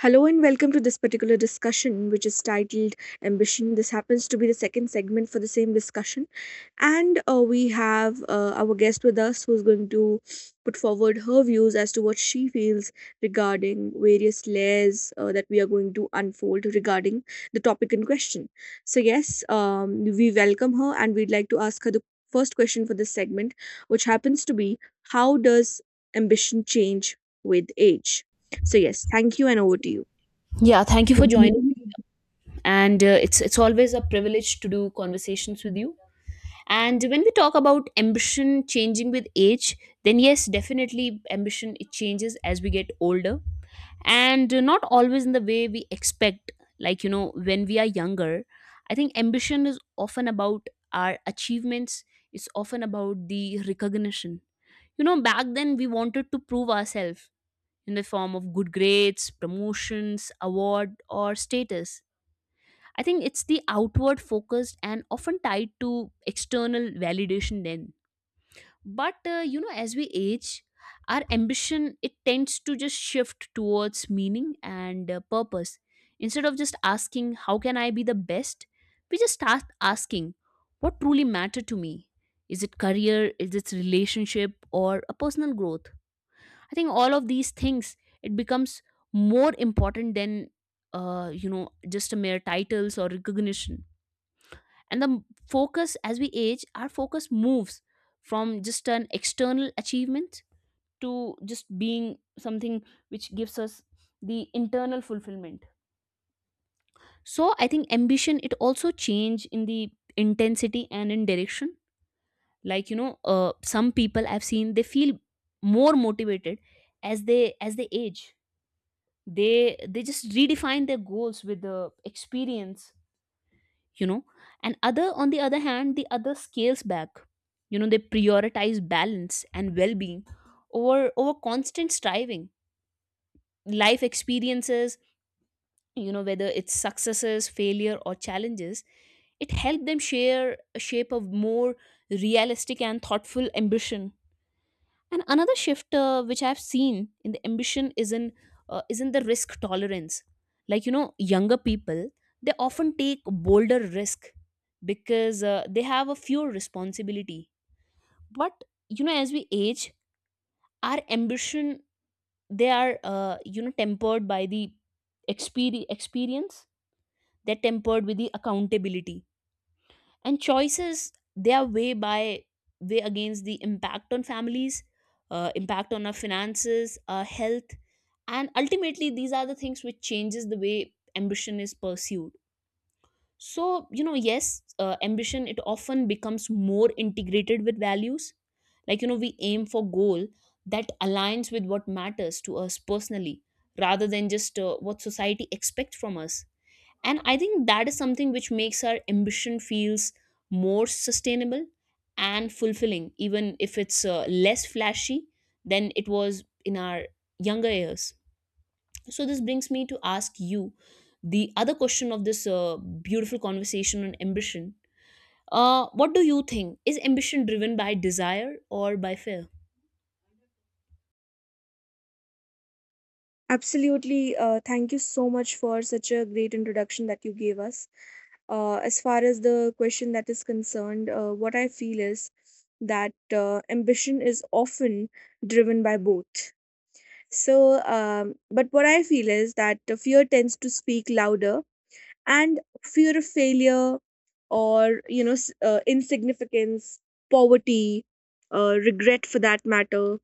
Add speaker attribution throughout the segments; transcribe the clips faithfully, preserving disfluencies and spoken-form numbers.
Speaker 1: Hello and welcome to this particular discussion, which is titled Ambition. This happens to be the second segment for the same discussion. And uh, we have uh, our guest with us who's going to put forward her views as to what she feels regarding various layers uh, that we are going to unfold regarding the topic in question. So, yes, um, we welcome her and we'd like to ask her the first question for this segment, which happens to be: How does ambition change with age? So, yes, thank you, and over to you.
Speaker 2: Yeah, thank you for joining. And uh, it's it's always a privilege to do conversations with you. And when we talk about ambition changing with age, then yes, definitely ambition it changes as we get older, and uh, not always in the way we expect. Like you know, when we are younger, I think ambition is often about our achievements. It's often about the recognition. You know, back then we wanted to prove ourselves in the form of good grades, promotions, award, or status. I think it's the outward focused and often tied to external validation then. But uh, you know, as we age, our ambition it tends to just shift towards meaning and uh, purpose. Instead of just asking how can I be the best, we just start asking what truly matter to me. Is it career? Is it relationship or a personal growth? I think all of these things it becomes more important than uh, you know, just a mere titles or recognition, and the m- focus, as we age our focus moves from just an external achievement to just being something which gives us the internal fulfillment. So I think ambition it also change in the intensity and in direction. Like you know, uh, some people I've seen they feel more motivated as they as they age. they they just redefine their goals with the experience, you know, and other on the other hand, the other scales back. You know, they prioritize balance and well-being over over constant striving. Life experiences, you know, whether it's successes, failure or challenges, it helped them share a shape of more realistic and thoughtful ambition. And another shift uh, which I've seen in the ambition is in uh, is in the risk tolerance. Like you know, younger people they often take bolder risk because uh, they have a fewer responsibility. But you know, as we age, our ambition they are uh, you know, tempered by the experience. Experience They're tempered with the accountability, and choices they are way by way against the impact on families, uh, impact on our finances, our health, and ultimately these are the things which changes the way ambition is pursued. So you know, yes, uh, ambition it often becomes more integrated with values. Like you know, we aim for goal that aligns with what matters to us personally rather than just uh, what society expects from us. And I think that is something which makes our ambition feels more sustainable and fulfilling, even if it's uh, less flashy than it was in our younger years. So this brings me to ask you the other question of this uh, beautiful conversation on ambition. Uh, what do you think, is ambition driven by desire or by fear?
Speaker 1: Absolutely. Uh, thank you so much for such a great introduction that you gave us. Uh, as far as the question that is concerned, uh, what I feel is that uh, ambition is often driven by both. So, um, but what I feel is that the fear tends to speak louder, and fear of failure or you know s- uh, insignificance, poverty, uh, regret for that matter.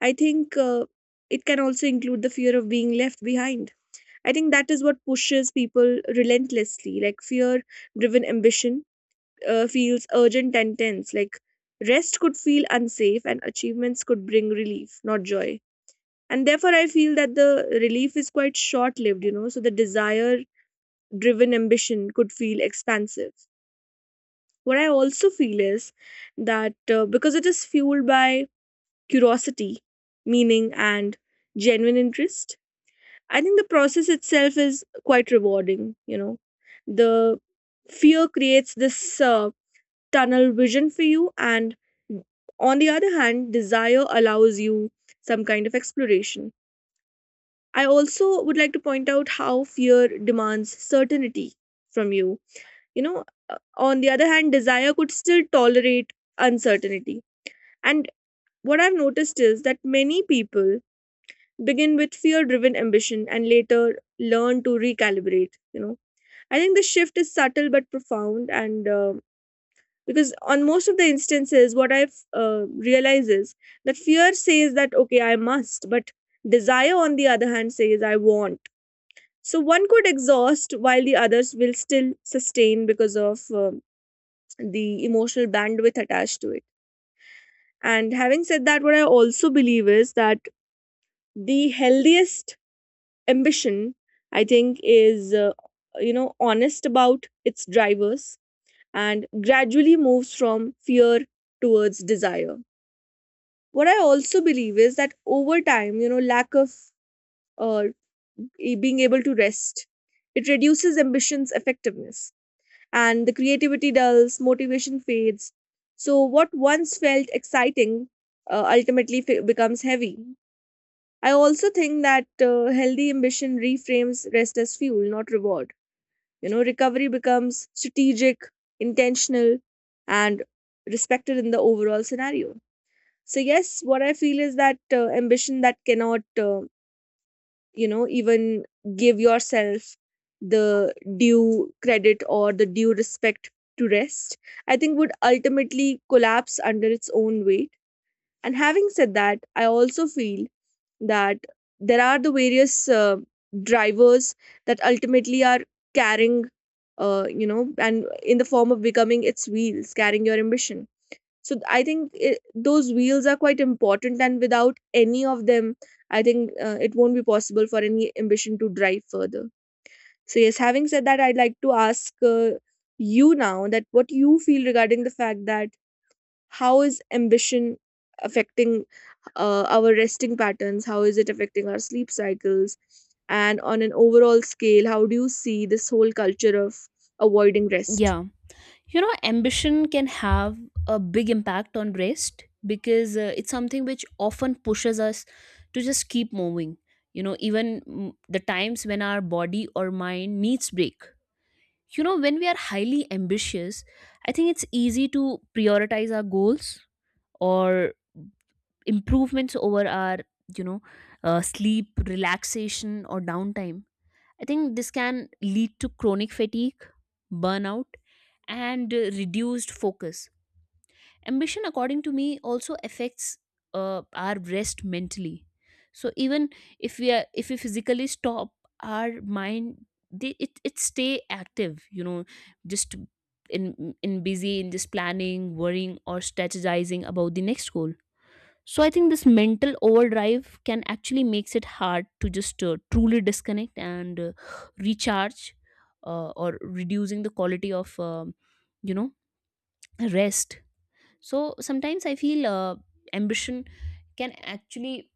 Speaker 1: I think uh, it can also include the fear of being left behind. I think that is what pushes people relentlessly. Like fear driven ambition uh, feels urgent and tense. Like rest could feel unsafe and achievements could bring relief, not joy. And therefore, I feel that the relief is quite short lived, you know. So the desire driven ambition could feel expansive. What I also feel is that uh, because it is fueled by curiosity, meaning, and genuine interest, I think the process itself is quite rewarding, you know. The fear creates this uh, tunnel vision for you, and on the other hand, desire allows you some kind of exploration. I also would like to point out how fear demands certainty from you. You know, uh, on the other hand, desire could still tolerate uncertainty. And what I've noticed is that many people begin with fear driven ambition and later learn to recalibrate, you know. I think the shift is subtle but profound, and uh, because on most of the instances, what I've uh, realized is that fear says that okay, I must, but desire, on the other hand, says I want. So one could exhaust while the others will still sustain because of uh, the emotional bandwidth attached to it. And having said that, what I also believe is that the healthiest ambition, I think, is uh, you know honest about its drivers and gradually moves from fear towards desire. What I also believe is that over time, you know, lack of uh, e- being able to rest, it reduces ambition's effectiveness and the creativity dulls, motivation fades. So, what once felt exciting uh, ultimately f- becomes heavy. I also think that uh, healthy ambition reframes rest as fuel, not reward. You know, recovery becomes strategic, intentional, and respected in the overall scenario. So, yes, what I feel is that uh, ambition that cannot, uh, you know, even give yourself the due credit or the due respect to rest, I think would ultimately collapse under its own weight. And having said that, I also feel that there are the various uh, drivers that ultimately are carrying, uh, you know, and in the form of becoming its wheels, carrying your ambition. So th- I think it, those wheels are quite important, and without any of them, I think uh, it won't be possible for any ambition to drive further. So yes, having said that, I'd like to ask uh, you now that what you feel regarding the fact that how is ambition affecting uh, our resting patterns? How is it affecting our sleep cycles? And on an overall scale, how do you see this whole culture of avoiding rest?
Speaker 2: Yeah, you know, ambition can have a big impact on rest because uh, it's something which often pushes us to just keep moving, you know, even mm, the times when our body or mind needs break. You know, when we are highly ambitious, I think it's easy to prioritize our goals or improvements over our, you know, uh, sleep, relaxation or downtime. I think this can lead to chronic fatigue, burnout, and uh, reduced focus. Ambition, according to me, also affects uh, our rest mentally. So even if we are, if we physically stop, our mind they, it it stay active. You know, just in in busy in just planning, worrying, or strategizing about the next goal. So I think this mental overdrive can actually makes it hard to just uh, truly disconnect and uh, recharge, uh, or reducing the quality of um, you know, rest. So sometimes I feel uh, ambition can actually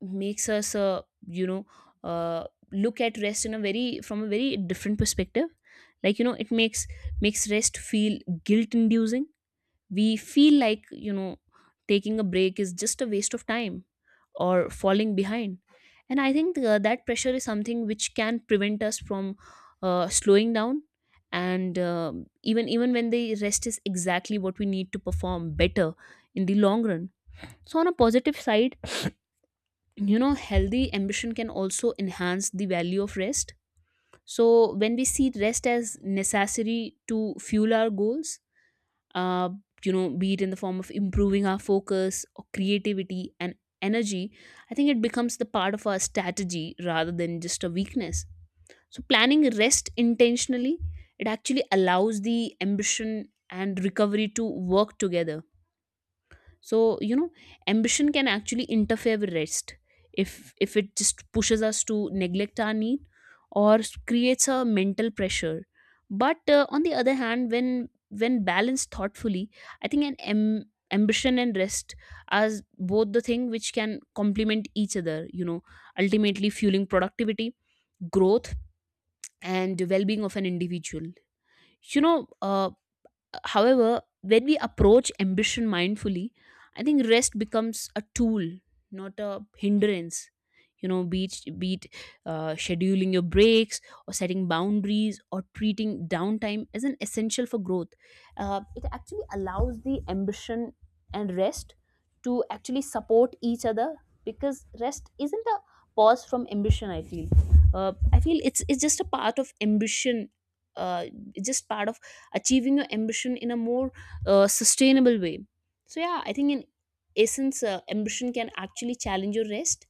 Speaker 2: makes us, uh, you know, uh, look at rest in a very from a very different perspective. Like you know, it makes makes rest feel guilt inducing. We feel like, you know, taking a break is just a waste of time or falling behind. And I think uh, that pressure is something which can prevent us from uh, slowing down, and um even even when the rest is exactly what we need to perform better in the long run. So on a positive side, you know, healthy ambition can also enhance the value of rest. So when we see rest as necessary to fuel our goals, uh, you know, be it in the form of improving our focus or creativity and energy, I think it becomes the part of our strategy rather than just a weakness. So, planning rest intentionally, it actually allows the ambition and recovery to work together. So you know, ambition can actually interfere with rest if if it just pushes us to neglect our need or s- creates a mental pressure. But uh, on the other hand, when when balanced thoughtfully, I think an am- ambition and rest are both the thing which can complement each other, you know, ultimately fueling productivity, growth, and well-being of an individual. You know, uh, however, when we approach ambition mindfully, I think rest becomes a tool, not a hindrance. You know, be it, be it uh, scheduling your breaks, or setting boundaries, or treating downtime as an essential for growth. Uh, it actually allows the ambition and rest to actually support each other, because rest isn't a pause from ambition, I feel. uh, I feel it's it's just a part of ambition. uh, it's just part of achieving your ambition in a more uh, sustainable way. So, yeah, I think in essence, uh, ambition can actually challenge your rest,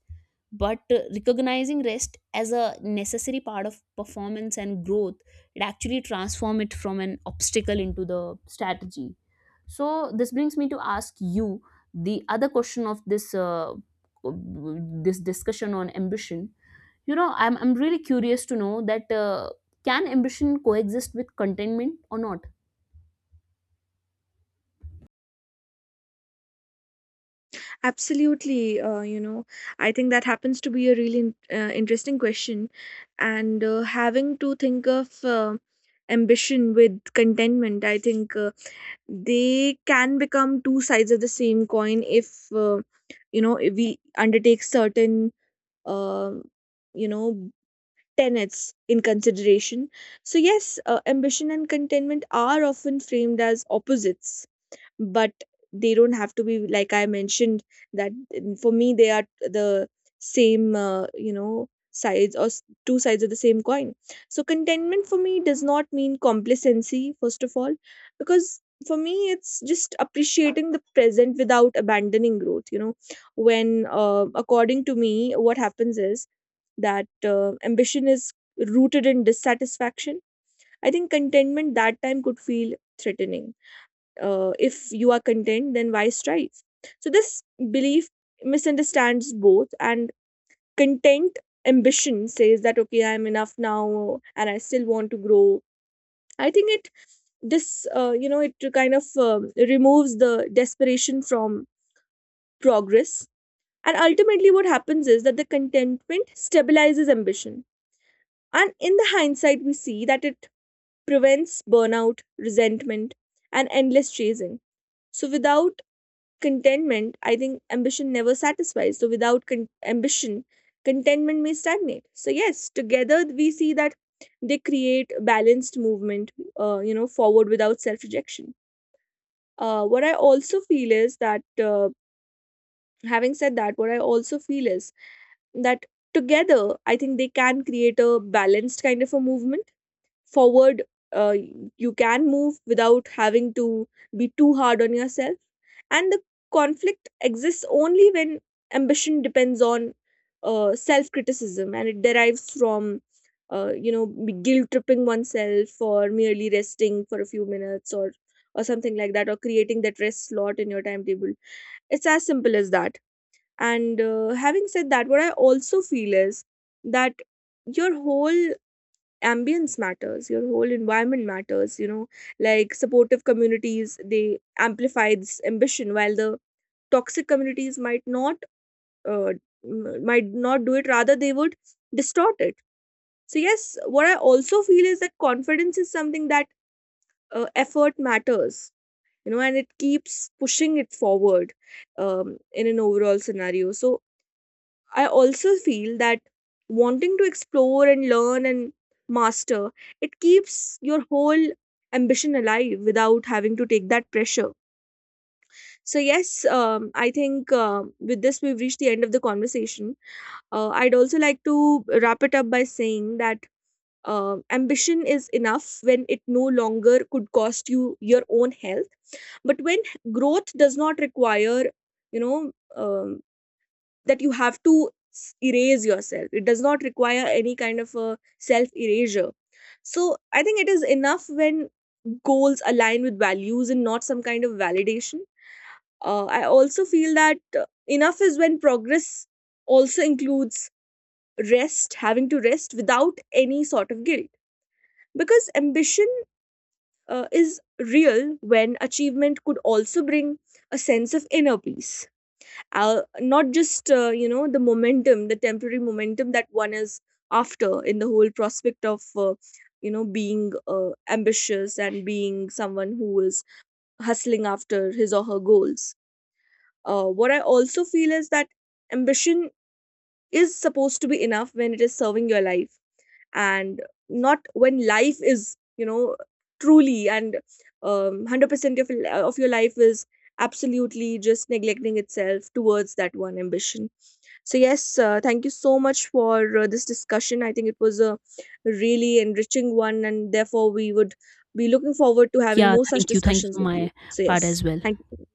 Speaker 2: but uh, recognizing rest as a necessary part of performance and growth, it actually transform it from an obstacle into the strategy. So, this brings me to ask you the other question of this uh, this discussion on ambition. You know, I'm I'm really curious to know that uh, can ambition coexist with contentment or not?
Speaker 1: Absolutely. Uh, you know, I think that happens to be a really in- uh, interesting question. And uh, having to think of uh, ambition with contentment, I think uh, they can become two sides of the same coin if, uh, you know, if we undertake certain um, you know tenets in consideration. So yes, uh, ambition and contentment are often framed as opposites, but they don't have to be. Like I mentioned, that mm, for me they are the same uh, you know sides or s- two sides of the same coin. So contentment for me does not mean complacency first of all, because for me it's just appreciating the present without abandoning growth, you know. When uh, according to me what happens is that uh, ambition is rooted in dissatisfaction, I think contentment that time could feel threatening. Uh, if you are content then why strive? So this belief misunderstands both, and content ambition says that okay, I'm enough now and I still want to grow. I think it this uh, you know it kind of uh, removes the desperation from progress, and ultimately what happens is that the contentment stabilizes ambition. And in the hindsight, we see that it prevents burnout, resentment, and endless chasing. So without contentment, I think ambition never satisfies. So without con- ambition, contentment may stagnate. So yes, together we see that they create balanced movement, uh, you know, forward without self-rejection. Uh, what I also feel is that, uh, having said that, What I also feel is that together, I think they can create a balanced kind of a movement forward. uh, you can move without having to be too hard on yourself, and the conflict exists only when ambition depends on uh, self criticism, and it derives from uh, you know guilt tripping oneself, or merely resting for a few minutes, or or something like that, or creating that rest slot in your timetable. It's as simple as that. And uh, having said that, what I also feel is that your whole ambience matters, your whole environment matters, you know. Like supportive communities, they amplify this ambition, while the toxic communities might not, uh, m- might not do it, rather they would distort it. So yes, what I also feel is that confidence is something that, uh, effort matters, you know, and it keeps pushing it forward um, in an overall scenario. So I also feel that wanting to explore and learn and master, it keeps your whole ambition alive without having to take that pressure. So, yes, um, I think uh, with this we've reached the end of the conversation. Uh, I'd also like to wrap it up by saying that uh, ambition is enough when it no longer could cost you your own health, but when growth does not require you know um, that you have to s- erase yourself. It does not require any kind of a self erasure. So I think it is enough when goals align with values and not some kind of validation. Uh, I also feel that uh, enough is when progress also includes rest, having to rest without any sort of guilt. Because ambition uh, is real when achievement could also bring a sense of inner peace, uh, not just uh, you know the momentum, the temporary momentum that one is after in the whole prospect of uh, you know being uh, ambitious and being someone who is hustling after his or her goals. Uh, what I also feel is that ambition is supposed to be enough when it is serving your life, and not when life is you know truly and um, one hundred percent of, of your life is absolutely just neglecting itself towards that one ambition. So, yes, uh, thank you so much for uh, this discussion. I think it was a really enriching one, and therefore, we would be looking forward to having
Speaker 2: Yeah,
Speaker 1: more such
Speaker 2: thank you. Thank you
Speaker 1: discussions
Speaker 2: for
Speaker 1: with
Speaker 2: my
Speaker 1: you. So,
Speaker 2: part
Speaker 1: yes,
Speaker 2: as well.
Speaker 1: thank you.